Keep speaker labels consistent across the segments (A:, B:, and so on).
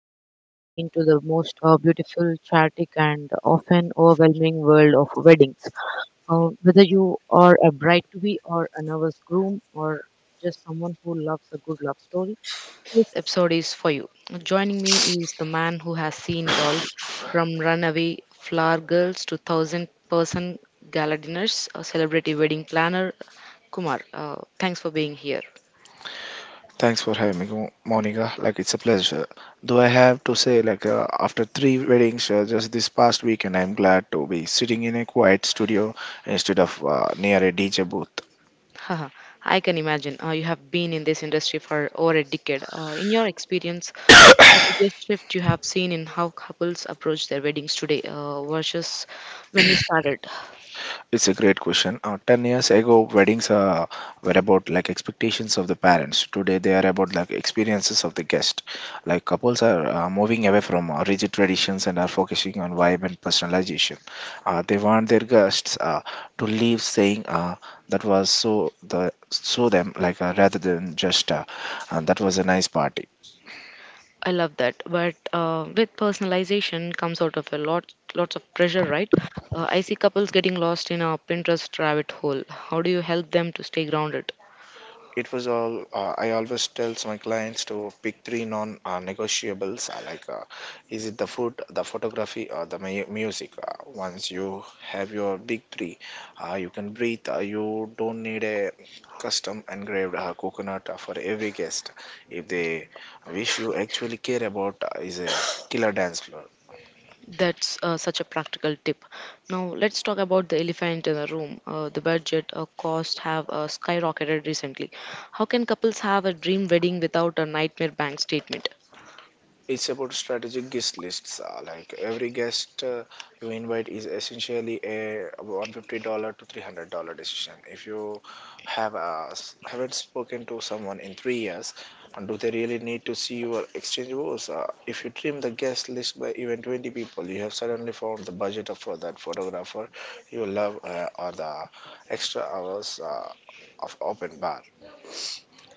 A: Today we are diving into the most beautiful, chaotic, and often overwhelming world of weddings. Whether you are a bride to be, or a nervous groom, or just someone who loves a good love story, this episode is for you. Joining me is the man who has seen it all from runaway flower girls to thousand person gala dinners, a celebrity wedding planner, Kumar. Thanks for being here.
B: Thanks for having me, Monica. Like, it's a pleasure. Though I have to say, after three weddings just this past weekend, I'm glad to be sitting in a quiet studio instead of near a DJ booth.
A: Haha, I can imagine. You have been in this industry for over a decade. In your experience, what's the biggest shift you have seen in how couples approach their weddings today versus when you started?
B: It's a great question. 10 years ago, weddings were about like expectations of the parents. Today, they are about like experiences of the guest. Like, couples are moving away from rigid traditions and are focusing on vibe and personalization. They want their guests to leave saying that was so the so them, like, rather than just and that was a nice party.
A: I love that. But with personalization comes out of a lot, lots of pressure, right? I see couples getting lost in a Pinterest rabbit hole. How do you help them to stay grounded?
B: It was all I always tells my clients to pick three non-negotiables, like, is it the food, the photography, or the music. Once you have your big three, you can breathe. You don't need a custom engraved coconut for every guest. If they wish you actually care about, is a killer dance floor.
A: That's such a practical tip. Now, let's talk about the elephant in the room. The budget cost have skyrocketed recently. How can couples have a dream wedding without a nightmare bank statement?
B: It's about strategic guest lists, like every guest you invite is essentially a $150 to $300 decision. If you have haven't spoken to someone in 3 years, and do they really need to see your exchange rules? If you trim the guest list by even 20 people, you have suddenly found the budget for that photographer you love, or the extra hours of open bar.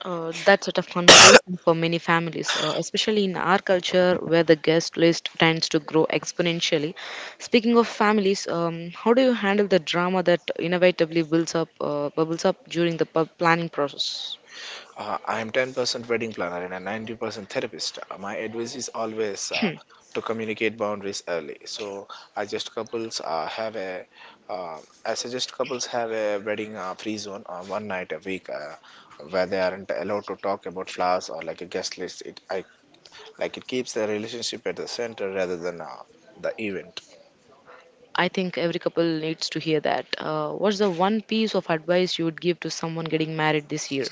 A: That's a tough conversation for many families, especially in our culture where the guest list tends to grow exponentially. Speaking of families, how do you handle the drama that inevitably builds up, bubbles up during the pub planning process?
B: I am 10% wedding planner and a 90% therapist. My advice is always to communicate boundaries early. I just couples uh, have a uh, I suggest couples have a wedding free zone, one night a week, where they aren't allowed to talk about flowers or like a guest list. Like, it keeps the relationship at the center rather than the event.
A: I think every couple needs to hear that. What's the one piece of advice you would give to someone getting married this year?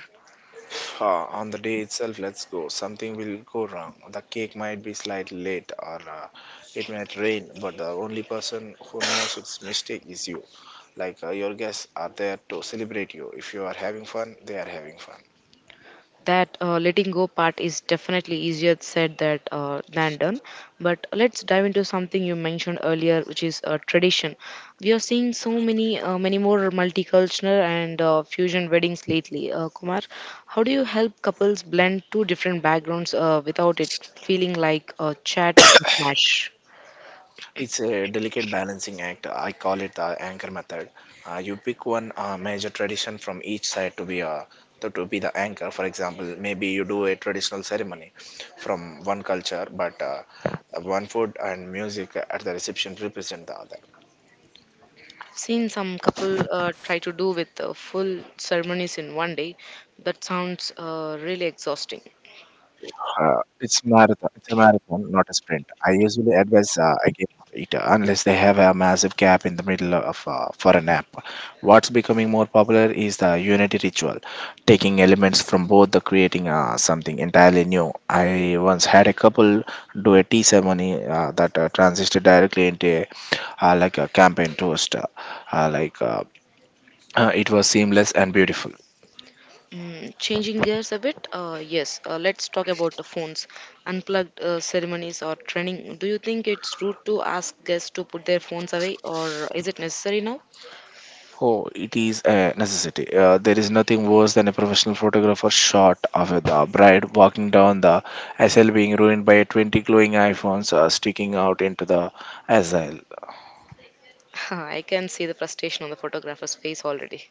B: On the day itself, let's go. Something will go wrong. The cake might be slightly late, or it might rain. But the only person who knows its mistake is you. Like, your guests are there to celebrate you. If you are having fun, they are having fun.
A: That letting go part is definitely easier said that than done. But let's dive into something you mentioned earlier, which is tradition. We are seeing so many, many more multicultural and fusion weddings lately. Kumar, how do you help couples blend two different backgrounds without it feeling like a chaotic mismatch?
B: It's a delicate balancing act. I call it the anchor method. You pick one major tradition from each side to be a to be the anchor. For example, maybe you do a traditional ceremony from one culture, but one food and music at the reception represent the other.
A: I've seen some couple try to do with full ceremonies in one day. That sounds really exhausting.
B: It's a marathon, not a sprint. I usually advise against it unless they have a massive gap in the middle of for a nap. What's becoming more popular is the unity ritual, taking elements from both the creating something entirely new. I once had a couple do a tea ceremony that transisted directly into like a campaign toast. Uh, like uh, it was seamless and beautiful.
A: Mm, changing gears a bit, yes. Let's talk about the phones, unplugged ceremonies or training. Do you think it's rude to ask guests to put their phones away, or is it necessary now?
B: Oh, it is a necessity. There is nothing worse than a professional photographer shot of the bride walking down the aisle being ruined by 20 glowing iPhones sticking out into the aisle.
A: I can see the frustration on the photographer's face already.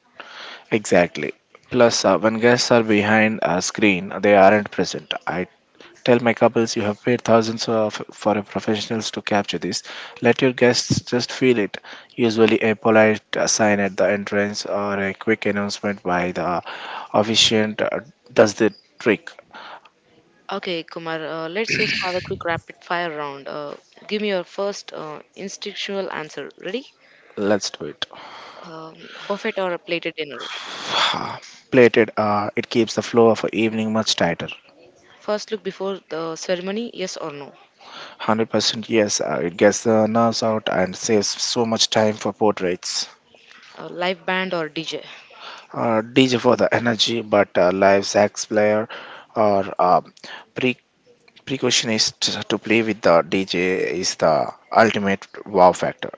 B: Exactly. Plus, when guests are behind a screen, they aren't present. I tell my couples, you have paid thousands of, for a professionals to capture this. Let your guests just feel it. Usually, a polite sign at the entrance or a quick announcement by the officiant does the trick.
A: Okay, Kumar, let's just have a quick rapid fire round. Give me your first instinctual answer. Ready?
B: Let's do it.
A: Um, buffet or a plated dinner?
B: Ah, Plated, it keeps the flow of a evening much tighter.
A: First look before the ceremony, yes or no?
B: 100% yes, it gets the nerves out and saves so much time for portraits.
A: A live band or DJ?
B: DJ for the energy, but live sax player or pre Precaution is to play with the DJ is the ultimate wow factor.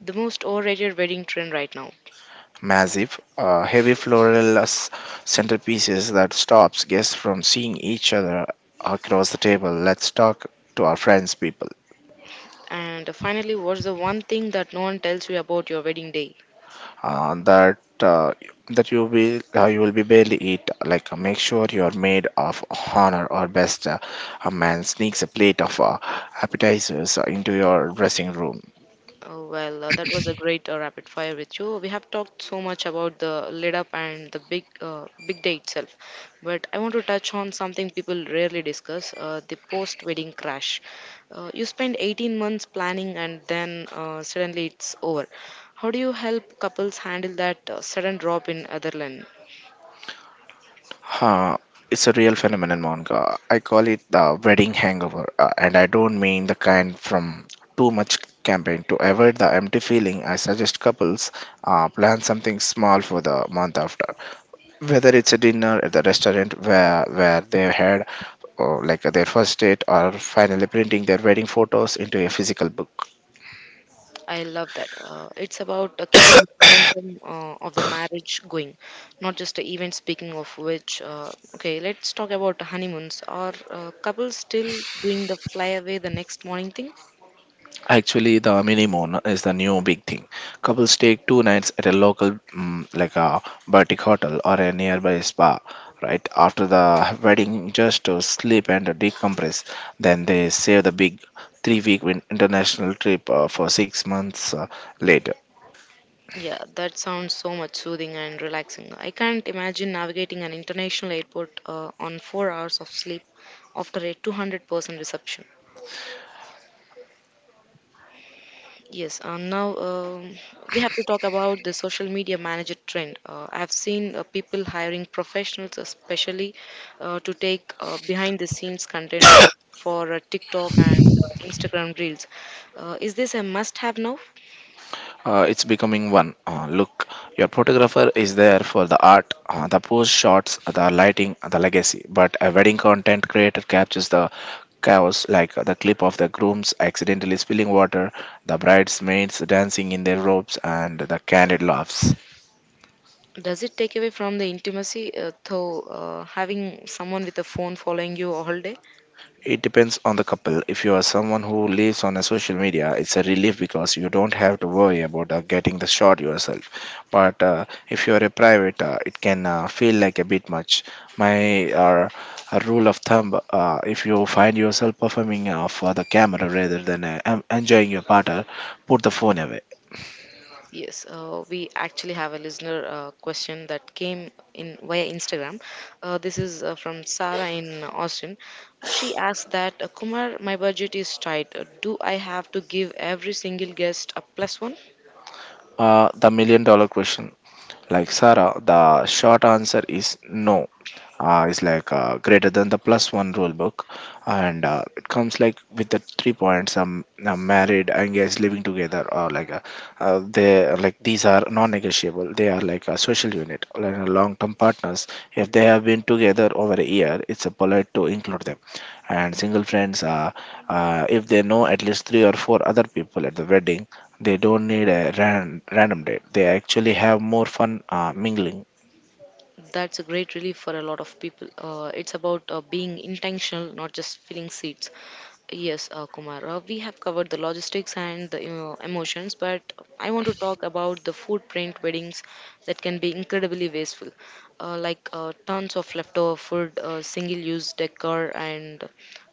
A: The most overrated wedding trend right now.
B: Massive, heavy floral centerpieces that stops guests from seeing each other across the table. Let's talk to our friends, people.
A: And finally, what's the one thing that no one tells you about your wedding day?
B: That that you will You will be barely eat. Like, make sure you are made of honor or best. A man sneaks a plate of appetizers into your dressing room.
A: Oh, well, that was a great rapid fire with you. We have talked so much about the lead up and the big big day itself, but I want to touch on something people rarely discuss: the post wedding crash. You spend 18 months planning, and then suddenly it's over. How do you help couples handle that sudden drop in other land?
B: Huh, it's a real phenomenon, Monica. I call it the wedding hangover, and I don't mean the kind from too much campaign. To avoid the empty feeling, I suggest couples plan something small for the month after. Whether it's a dinner at the restaurant where they had like their first date, or finally printing their wedding photos into a physical book.
A: I love that. It's about keeping the momentum of the marriage going, not just the event. Speaking of which, okay, let's talk about honeymoons. Are couples still doing the fly away the next morning thing?
B: Actually, the mini moon is the new big thing. Couples take two nights at a local, like a boutique hotel or a nearby spa, right after the wedding, just to sleep and decompress. Then they save the big three-week international trip for 6 months later.
A: Yeah, that sounds so much soothing and relaxing. I can't imagine navigating an international airport on 4 hours of sleep after a 200% reception. Yes, now we have to talk about the social media manager trend. I've seen people hiring professionals, especially to take behind the scenes content or for TikTok and Instagram reels. Is this a must have now?
B: It's becoming one. Look, your photographer is there for the art, the pose shots, the lighting, the legacy. But a wedding content creator captures the chaos, like the clip of the grooms accidentally spilling water, the bridesmaids dancing in their robes, and the candid laughs.
A: Does it take away from the intimacy, though, having someone with a phone following you all day?
B: It depends on the couple. If you are someone who lives on a social media, it's a relief because you don't have to worry about getting the shot yourself. But if you are a private, it can feel like a bit much. My a rule of thumb: if you find yourself performing for the camera rather than enjoying your partner, put the phone away.
A: Yes, we actually have a listener question that came in via Instagram. This is from Sarah in Austin. She asked that Kumar, my budget is tight. Do I have to give every single guest a plus one?
B: The million dollar question. Like, Sarah, the short answer is no. Is like greater than the plus one rule book, and it comes like with the three points. Married, engaged, living together, or they are like, these are non-negotiable. They are like a social unit, like a long-term partners. If they have been together over a year, it's a polite to include them. And single friends, if they know at least three or four other people at the wedding, they don't need a random date. They actually have more fun mingling.
A: That's a great relief for a lot of people. It's about being intentional, not just filling seats. Yes, Kumar. We have covered the logistics and the emotions, but I want to talk about the footprint weddings that can be incredibly wasteful, like tons of leftover food, single-use decor, and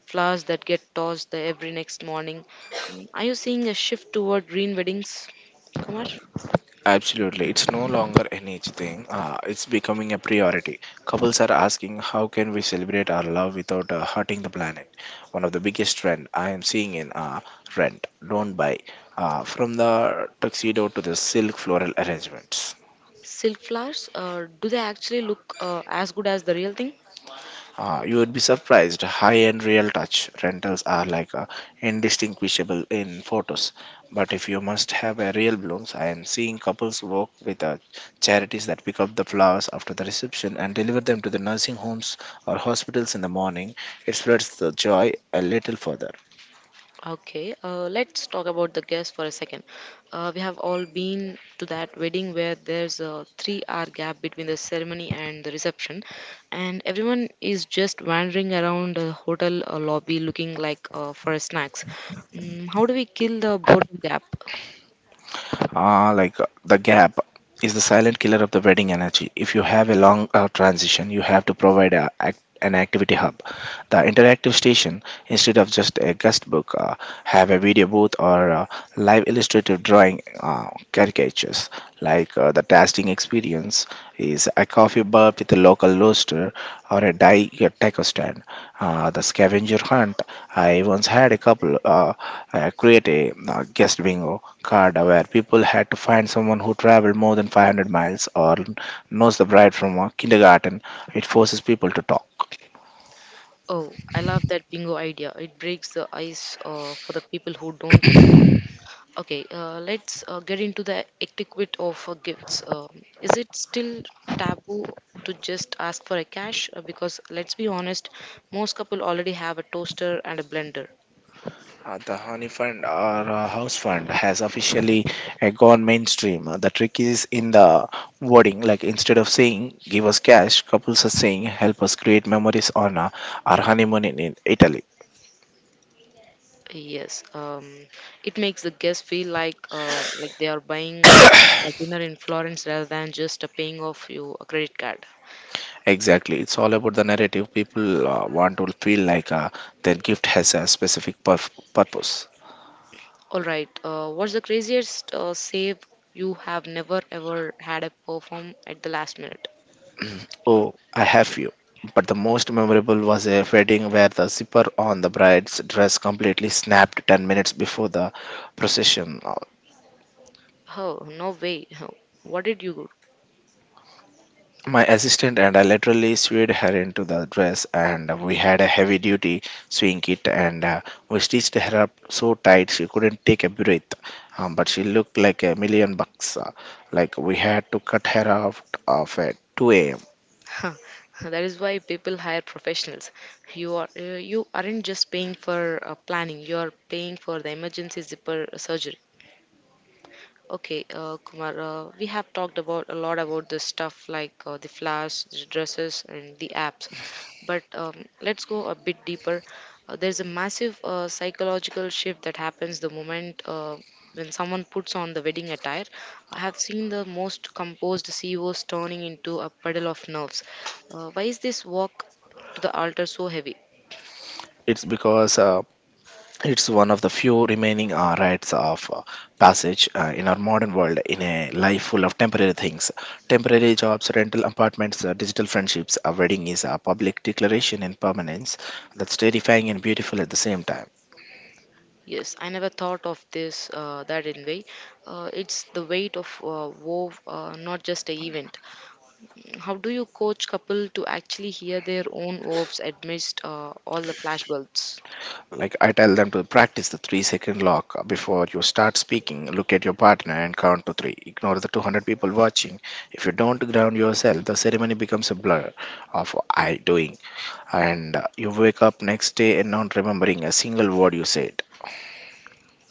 A: flowers that get tossed the every next morning. Are you seeing a shift toward green weddings, Kumar?
B: Absolutely. It's no longer an age thing. It's becoming a priority. Couples are asking, how can we celebrate our love without hurting the planet? One of the biggest trend I am seeing in rent, don't buy, from the tuxedo to the silk floral arrangements.
A: Silk flowers? Do they actually look as good as the real thing?
B: You would be surprised. High-end real touch rentals are indistinguishable in photos. But if you must have a real blooms, I am seeing couples work with charities that pick up the flowers after the reception and deliver them to the nursing homes or hospitals in the morning. It spreads the joy a little further.
A: Okay, let's talk about the guest for a second. We have all been to that wedding where there's a three-hour gap between the ceremony and the reception, and everyone is just wandering around the hotel lobby looking like for snacks. Mm, how do we kill the boredom gap?
B: The gap is the silent killer of the wedding energy. If you have a long transition, you have to provide an activity hub. The interactive station, instead of just a guest book, have a video booth or live illustrative drawing caricatures. Like, the tasting experience is a coffee bar with a local roaster or a dai a taco stand. The scavenger hunt. I once had a couple create a guest bingo card where people had to find someone who traveled more than 500 miles or knows the bride from a kindergarten. It forces people to talk.
A: Oh, I love that bingo idea. It breaks the ice for the people who don't know. Okay, let's get into the etiquette of gifts. Is it still taboo to just ask for a cash? Because let's be honest, most couple already have a toaster and a blender.
B: The honey fund or house fund has officially gone mainstream. The trick is in the wording. Like, instead of saying "give us cash," couples are saying "help us create memories on our honeymoon in Italy."
A: Yes, it makes the guest feel like they are buying a dinner in Florence rather than just paying off you a credit card.
B: Exactly. It's all about the narrative. People want to feel like their gift has a specific purpose.
A: All right, what's the craziest save you have never ever had a perform at the last minute?
B: Oh, I have you. But the most memorable was a wedding where the zipper on the bride's dress completely snapped 10 minutes before the procession.
A: Oh, no way. What did you
B: My assistant and I literally sewed her into the dress, and we had a heavy duty sewing kit, and we stitched her up so tight she couldn't take a breath. But she looked like a million bucks. Like, we had to cut her off of at 2 a.m.
A: Huh. Huh, that is why people hire professionals. You are you aren't just paying for planning; you are paying for the emergency zipper surgery. Okay, Kumar, we have talked about a lot about this stuff like the flowers, the dresses, and the apps. But let's go a bit deeper. There's a massive psychological shift that happens the moment when someone puts on the wedding attire. I have seen the most composed CEOs turning into a puddle of nerves. Why is this walk to the altar so heavy?
B: It's because it's one of the few remaining rites of passage in our modern world, in a life full of temporary things. Temporary jobs, rental apartments, digital friendships. A wedding is a public declaration in permanence that's terrifying and beautiful at the same time.
A: Yes, I never thought of this that in way. It's the weight of wove, not just a event. How do you coach couple to actually hear their own woves amidst all the flashbulbs?
B: Like, I tell them to practice the 3 second lock before you start speaking. Look at your partner and count to three. Ignore the 200 people watching. If you don't ground yourself, the ceremony becomes a blur of I doing, and you wake up next day and not remembering a single word you said.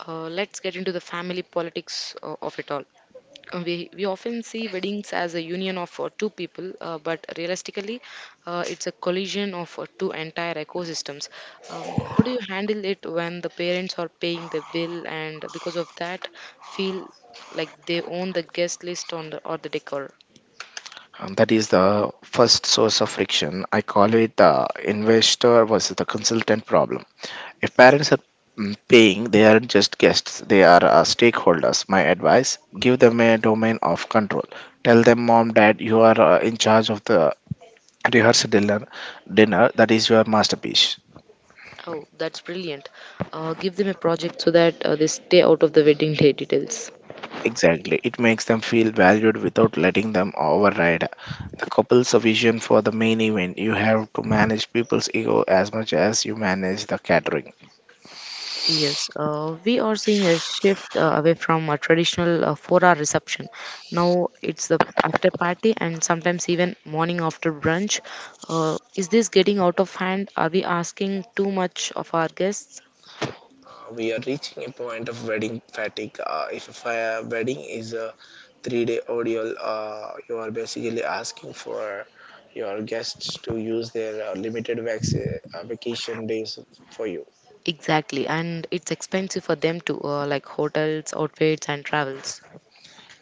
A: Let's get into the family politics of it all. We often see weddings as a union of two people, but realistically, it's a collision of two entire ecosystems. How do you handle it when the parents are paying the bill and because of that feel like they own the guest list on the, or the decor?
B: And that is the first source of friction. I call it the investor versus the consultant problem. If parents are paying, they aren't just guests, they are stakeholders. My advice, give them a domain of control. Tell them, Mom, Dad, you are in charge of the rehearsal dinner, that is your masterpiece.
A: Oh, that's brilliant. Give them a project so that they stay out of the wedding day details.
B: Exactly. It makes them feel valued without letting them override the couple's vision for the main event. You have to manage people's ego as much as you manage the catering.
A: Yes, we are seeing a shift away from a traditional four-hour reception. Now it's the after party and sometimes even morning after brunch. Is this getting out of hand? Are we asking too much of our guests?
B: We are reaching a point of wedding fatigue. If a fire wedding is a 3 day ordeal, you are basically asking for your guests to use their limited vacation days for you.
A: Exactly, and it's expensive for them to like hotels, outfits, and travels.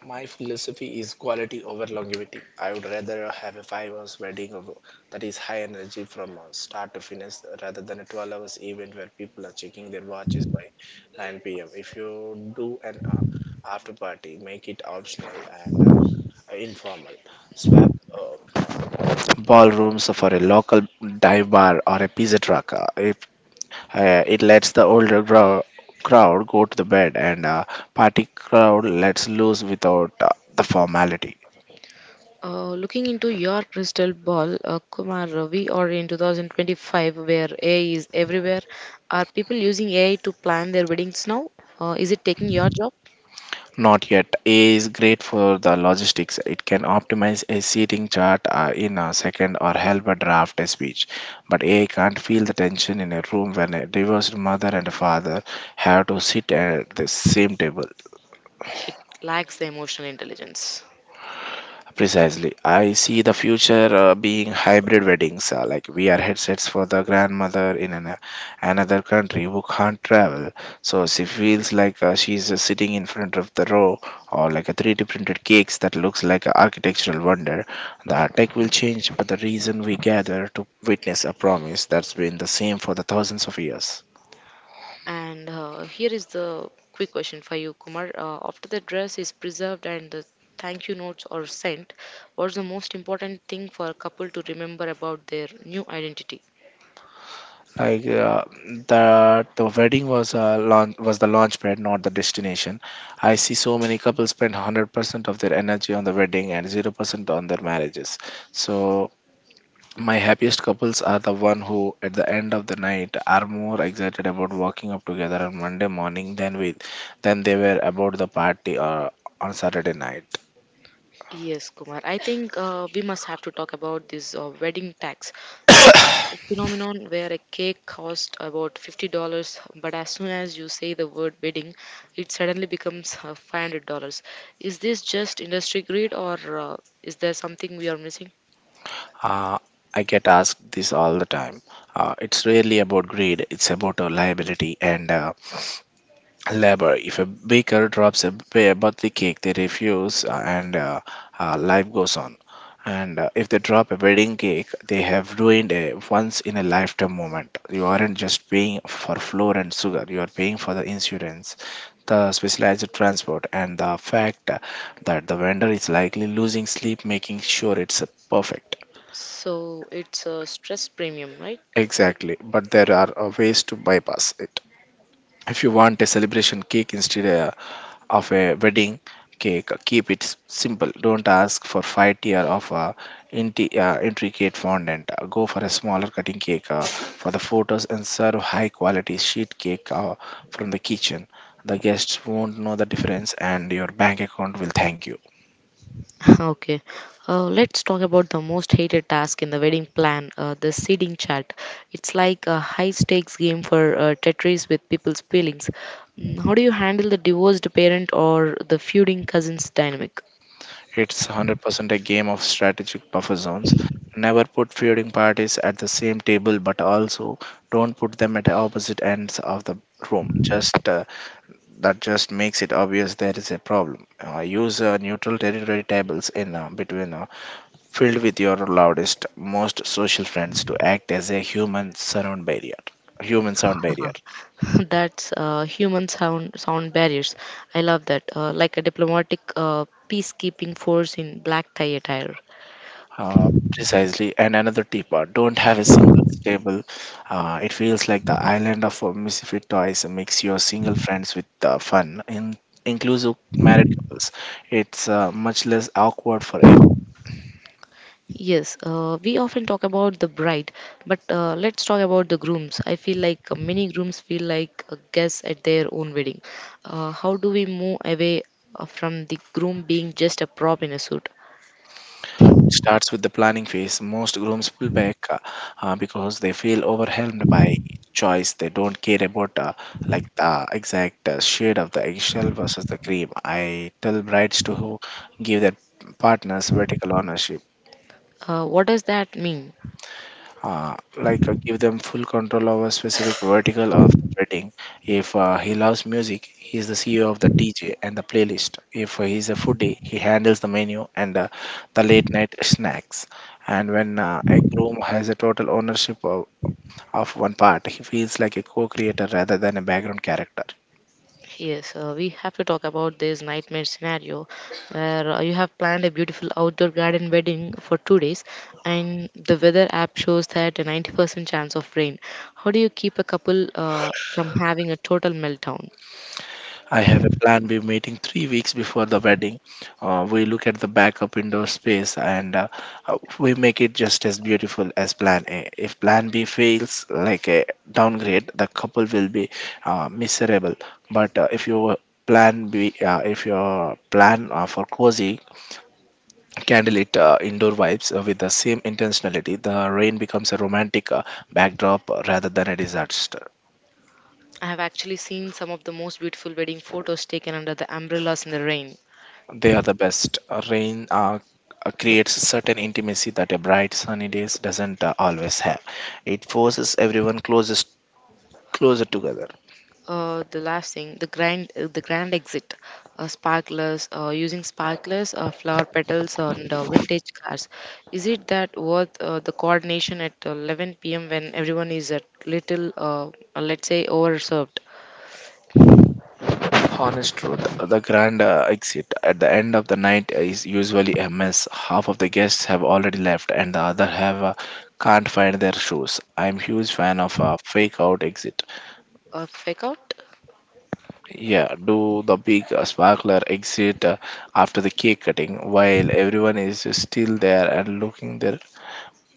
B: My philosophy is quality over longevity. I would rather have a 5 hours wedding of, that is high energy from start to finish rather than a 12 hours event where people are checking their watches by 9 p.m. If you do an after party, make it optional and informal. Swap uh, ballrooms for a local dive bar or a pizza truck. If It lets the older crowd go to the bed and party crowd lets loose without the formality.
A: Looking into your crystal ball, Kumar, we are in 2025 where AI is everywhere. Are people using AI to plan their weddings now? Is it taking your job?
B: Not yet. A is great for the logistics. It can optimize a seating chart in a second or help a draft a speech. But A can't feel the tension in a room when a divorced mother and father have to sit at the same table.
A: It lacks the emotional intelligence.
B: Precisely. I see the future being hybrid weddings, like VR headsets for the grandmother in another country who can't travel. So she feels like she's sitting in front of the row or like a 3D printed cakes that looks like an architectural wonder. The tech will change, but the reason we gather to witness a promise that's been the same for the thousands of years.
A: And here is the quick question for you, Kumar. After the dress is preserved and the thank you notes are sent, what's the most important thing for a couple to remember about their new identity?
B: Like the wedding was a launch was the launch pad, not the destination. I see so many couples spend 100% of their energy on the wedding and 0% on their marriages. So my happiest couples are the one who at the end of the night are more excited about walking up together on Monday morning than they were about the party or on Saturday night.
A: Yes, Kumar. I think we must have to talk about this wedding tax phenomenon where a cake costs about $50, but as soon as you say the word wedding, it suddenly becomes $500. Is this just industry greed, or uh, is there something we are missing?
B: Uh, I get asked this all the time. It's really about greed. It's about liability and labor. If a baker drops a birthday cake, they refuse, and life goes on. And if they drop a wedding cake, they have ruined a once in a lifetime moment. You aren't just paying for flour and sugar, you are paying for the insurance, the specialized transport, and the fact that the vendor is likely losing sleep making sure it's perfect.
A: So it's a stress premium, right?
B: Exactly, but there are ways to bypass it. If you want a celebration cake instead, of a wedding cake, keep it simple. Don't ask for five tier of intricate fondant. Go for a smaller cutting cake for the photos and serve high quality sheet cake from the kitchen. The guests won't know the difference and your bank account will thank you.
A: Okay, let's talk about the most hated task in the wedding plan, the seeding chart. It's like a high stakes game for Tetris with people's feelings. Mm, how do you handle the divorced parent or the feuding cousins dynamic?
B: It's 100% a game of strategic buffer zones. Never put feuding parties at the same table, but also don't put them at the opposite ends of the room. Just That just makes it obvious there is a problem. Use neutral territory tables in between filled with your loudest, most social friends to act as a human sound barrier. Human sound barrier.
A: That's human sound barriers. I love that. Like a diplomatic peacekeeping force in black tie attire.
B: Uh, Precisely. And another tip: don't have a single stable. It feels like the island of misfit toys. Makes your single friends with fun in inclusive married couples. It's much less awkward for everyone.
A: Yes, we often talk about the bride, but let's talk about the grooms. I feel like many grooms feel like guests at their own wedding. How do we move away from the groom being just a prop in a suit?
B: Starts with the planning phase. Most grooms pull back because they feel overwhelmed by choice. They don't care about like the exact shade of the eggshell versus the cream. I tell brides to who give their partners vertical ownership.
A: What does that mean?
B: Give them full control over specific vertical of the rating. If he loves music, he is the CEO of the DJ and the playlist. If he is a foodie, he handles the menu and the late night snacks. And when a groom has a total ownership of one part, he feels like a co creator rather than a background character.
A: Yes, we have to talk about this nightmare scenario where you have planned a beautiful outdoor garden wedding for 2 days and the weather app shows that a 90% chance of rain. How do you keep a couple from having a total meltdown?
B: I have a plan B meeting 3 weeks before the wedding. We look at the backup indoor space and we make it just as beautiful as plan A. If plan B fails, like a downgrade, the couple will be miserable. But if your plan for cozy candlelit indoor vibes with the same intentionality, the rain becomes a romantic backdrop rather than a disaster.
A: I have actually seen some of the most beautiful wedding photos taken under the umbrellas in the rain.
B: They are the best. Rain creates certain intimacy that a bright sunny days doesn't always have. It forces everyone closest closer together.
A: The last thing, the grand exit, sparklers, using sparklers, flower petals, and vintage cars. Is it that worth the coordination at 11 p.m. when everyone is a little, let's say, overserved?
B: Honest truth, the grand exit at the end of the night is usually a mess. Half of the guests have already left, and the other have can't find their shoes. I'm huge fan of a fake out exit.
A: Fake out?
B: Yeah, do the big sparkler exit after the cake cutting while everyone is still there and looking their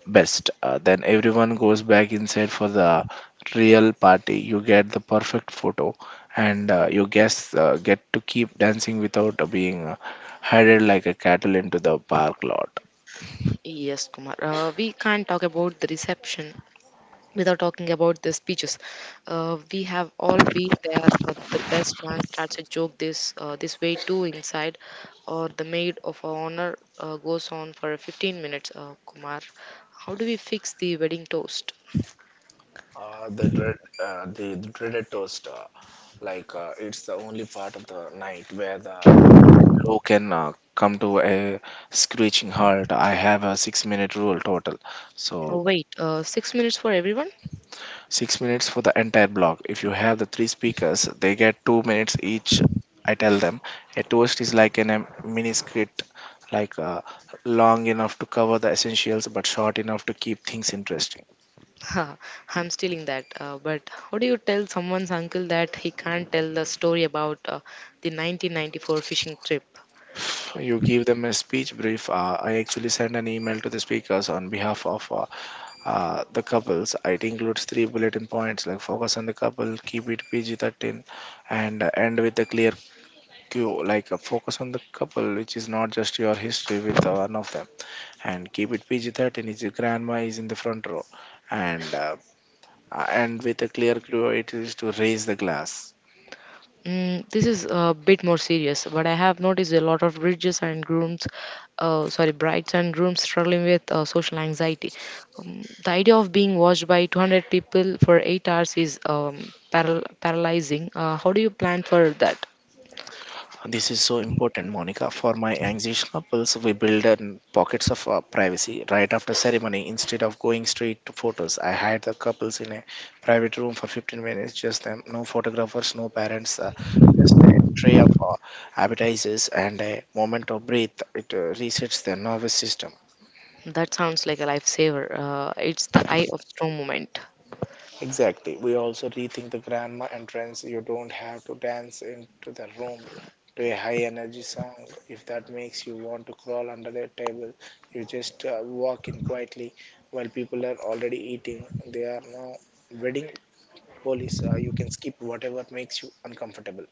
B: best. Then everyone goes back inside for the real party. You get the perfect photo, and you guess get to keep dancing without being herded like a cattle into the park lot.
A: Yes, Kumar. We can't talk about the reception without talking about the speeches. We have all been there. The best man starts a joke this way too inside, or the maid of honor goes on for 15 minutes. Kumar, how do we fix the wedding toast?
B: Uh, the dread, the dreaded toast, it's the only part of the night where the flow can come to a screeching halt. I have a six-minute rule total,
A: Oh
B: so.
A: wait, 6 minutes for everyone?
B: 6 minutes for the entire block. If you have the three speakers, they get 2 minutes each. I tell them a toast is like a mini script, like uh, long enough to cover the essentials but short enough to keep things interesting.
A: Ha, I'm stealing that. But how do you tell someone's uncle that he can't tell the story about the 1994 fishing trip?
B: You give them a speech brief. I actually send an email to the speakers on behalf of. The couples, it includes three bulletin points, like focus on the couple, keep it PG-13, and end with a clear go, like a focus on the couple, which is not just your history with the one of them, and keep it PG-13, is your grandma is in the front row, and uh, and with a clear clue, it is to raise the glass.
A: Mm, this is a bit more serious, but I have noticed a lot of bridges and grooms, sorry, brides and grooms struggling with social anxiety. The idea of being watched by 200 people for 8 hours is paralyzing. How do you plan for that?
B: This is so important, Monica. For my anxious couples, we build in pockets of privacy. Right after ceremony, instead of going straight to photos, I hide the couples in a private room for 15 minutes, just them. No photographers, no parents, just a tray of appetizers and a moment of breath. It resets their nervous system.
A: That sounds like a lifesaver. It's the eye of storm moment.
B: Exactly. We also rethink the grandma entrance. You don't have to dance into the room to a high energy song. If that makes you want to crawl under the table, you just walk in quietly while people are already eating. They are now wedding police. You can skip whatever makes you uncomfortable.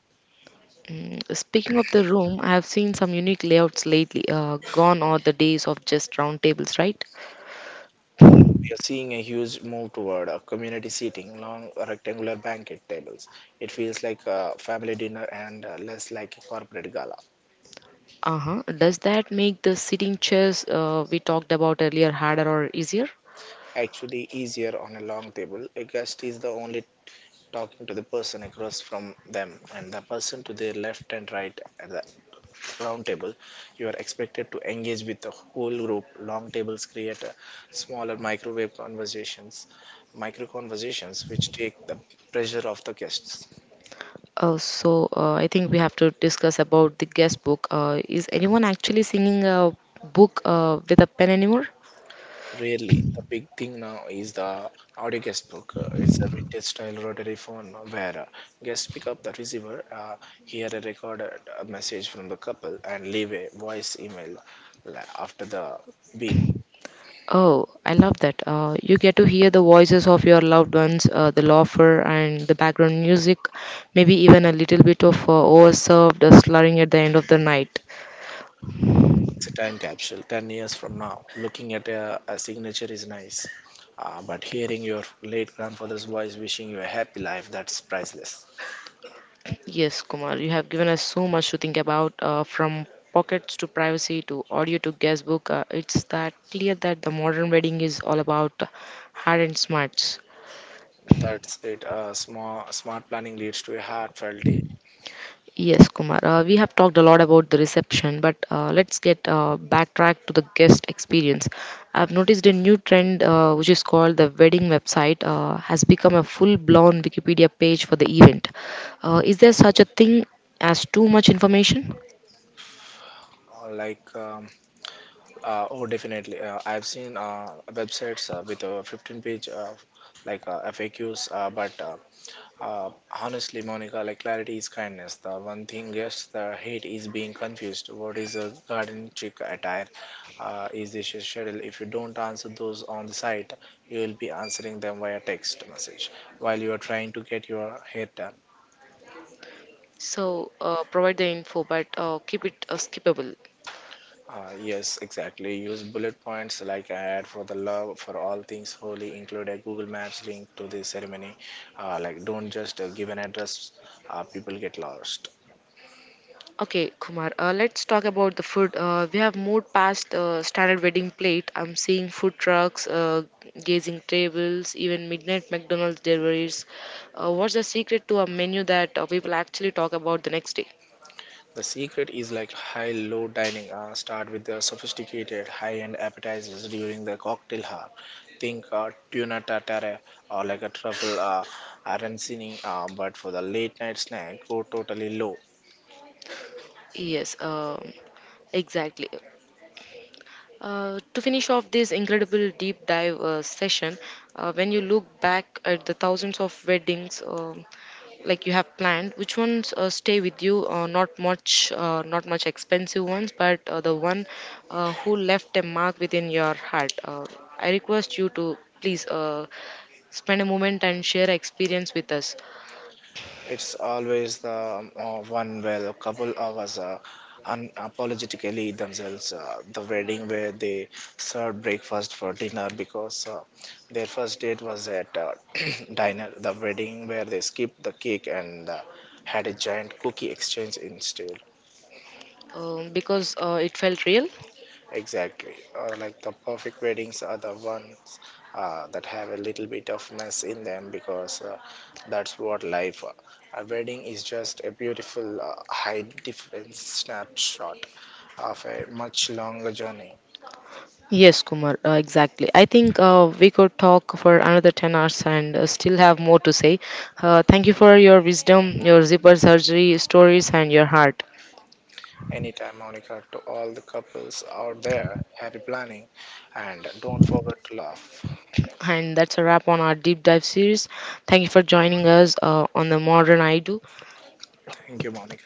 A: Mm, speaking of the room, I have seen some unique layouts lately. Gone are the days of just round tables, right?
B: Like we are seeing a huge move toward a community seating, long rectangular banquet tables. It feels like a family dinner and less like a corporate gala.
A: Uh-huh. Does that make the sitting chairs we talked about earlier harder or easier?
B: Actually easier on a long table. A guest is the only talking to the person across from them, and the person to their left and right at the round table. You are expected to engage with the whole group. Long tables create a smaller microwave conversations, micro conversations, which take the pressure off the guests.
A: So I think we have to discuss about the guest book. Is anyone actually singing a book with a pen anymore?
B: Really, the big thing now is the audio guest. It's a vintage style rotary phone where guests pick up the receiver, hear a recorded message from the couple, and leave a voice email after the beep.
A: Oh, I love that. You get to hear the voices of your loved ones, the laughter and the background music, maybe even a little bit of overserved slurring at the end of the night.
B: It's a time capsule. 10 years from now, looking at a signature is nice, but hearing your late grandfather's voice wishing you a happy life, that's priceless.
A: Yes, Kumar, you have given us so much to think about from pockets to privacy to audio to guestbook. It's that clear that the modern wedding is all about hard and smarts.
B: That's it. Smart planning leads to a heartfelt day.
A: Yes, Kumar, we have talked a lot about the reception, but let's get backtrack to the guest experience. I've noticed a new trend which is called the wedding website has become a full blown Wikipedia page for the event. Is there such a thing as too much information?
B: Uh, like um, oh, definitely. I've seen websites with a 15 page FAQs, but uh, honestly, Monica, like clarity is kindness. The one thing yes, the hate is being confused. What is a garden chic attire? Is this your schedule? If you don't answer those on the site, you will be answering them via text message while you are trying to get your hair done.
A: So provide the info, but keep it skippable.
B: Yes, exactly. Use bullet points like I had for the love for all things holy. Include a Google Maps link to the ceremony. Don't just give an address. People get lost.
A: Okay, Kumar, let's talk about the food. We have moved past standard wedding plate. I'm seeing food trucks, gazing tables, even midnight McDonald's deliveries. What's the secret to a menu that people actually talk about the next day?
B: The secret is like high-low dining. Start with the sophisticated high-end appetizers during the cocktail hour. Think tuna tartare or like a truffle arancini. But for the late-night snack, go totally low.
A: Yes, exactly. To finish off this incredible deep dive session, when you look back at the thousands of weddings like you have planned, which ones stay with you? Not much, not much expensive ones, but the one who left a mark within your heart. I request you to please spend a moment and share experience with us
B: It's always the one where a couple hours unapologetically themselves. The wedding where they served breakfast for dinner because their first date was at diner. The wedding where they skipped the cake and had a giant cookie exchange instead.
A: because it felt real.
B: Exactly. The perfect weddings are the ones that have a little bit of mess in them, because that's what life. A wedding is just a beautiful high difference snapshot of a much longer journey.
A: Yes, Kumar, exactly. I think we could talk for another 10 hours and still have more to say. Thank you for your wisdom, your zipper surgery stories, and your heart.
B: Anytime, Monica, to all the couples out there, happy planning and don't forget to laugh.
A: And that's a wrap on our deep dive series. Thank you for joining us on the Modern I Do.
B: Thank you, Monica.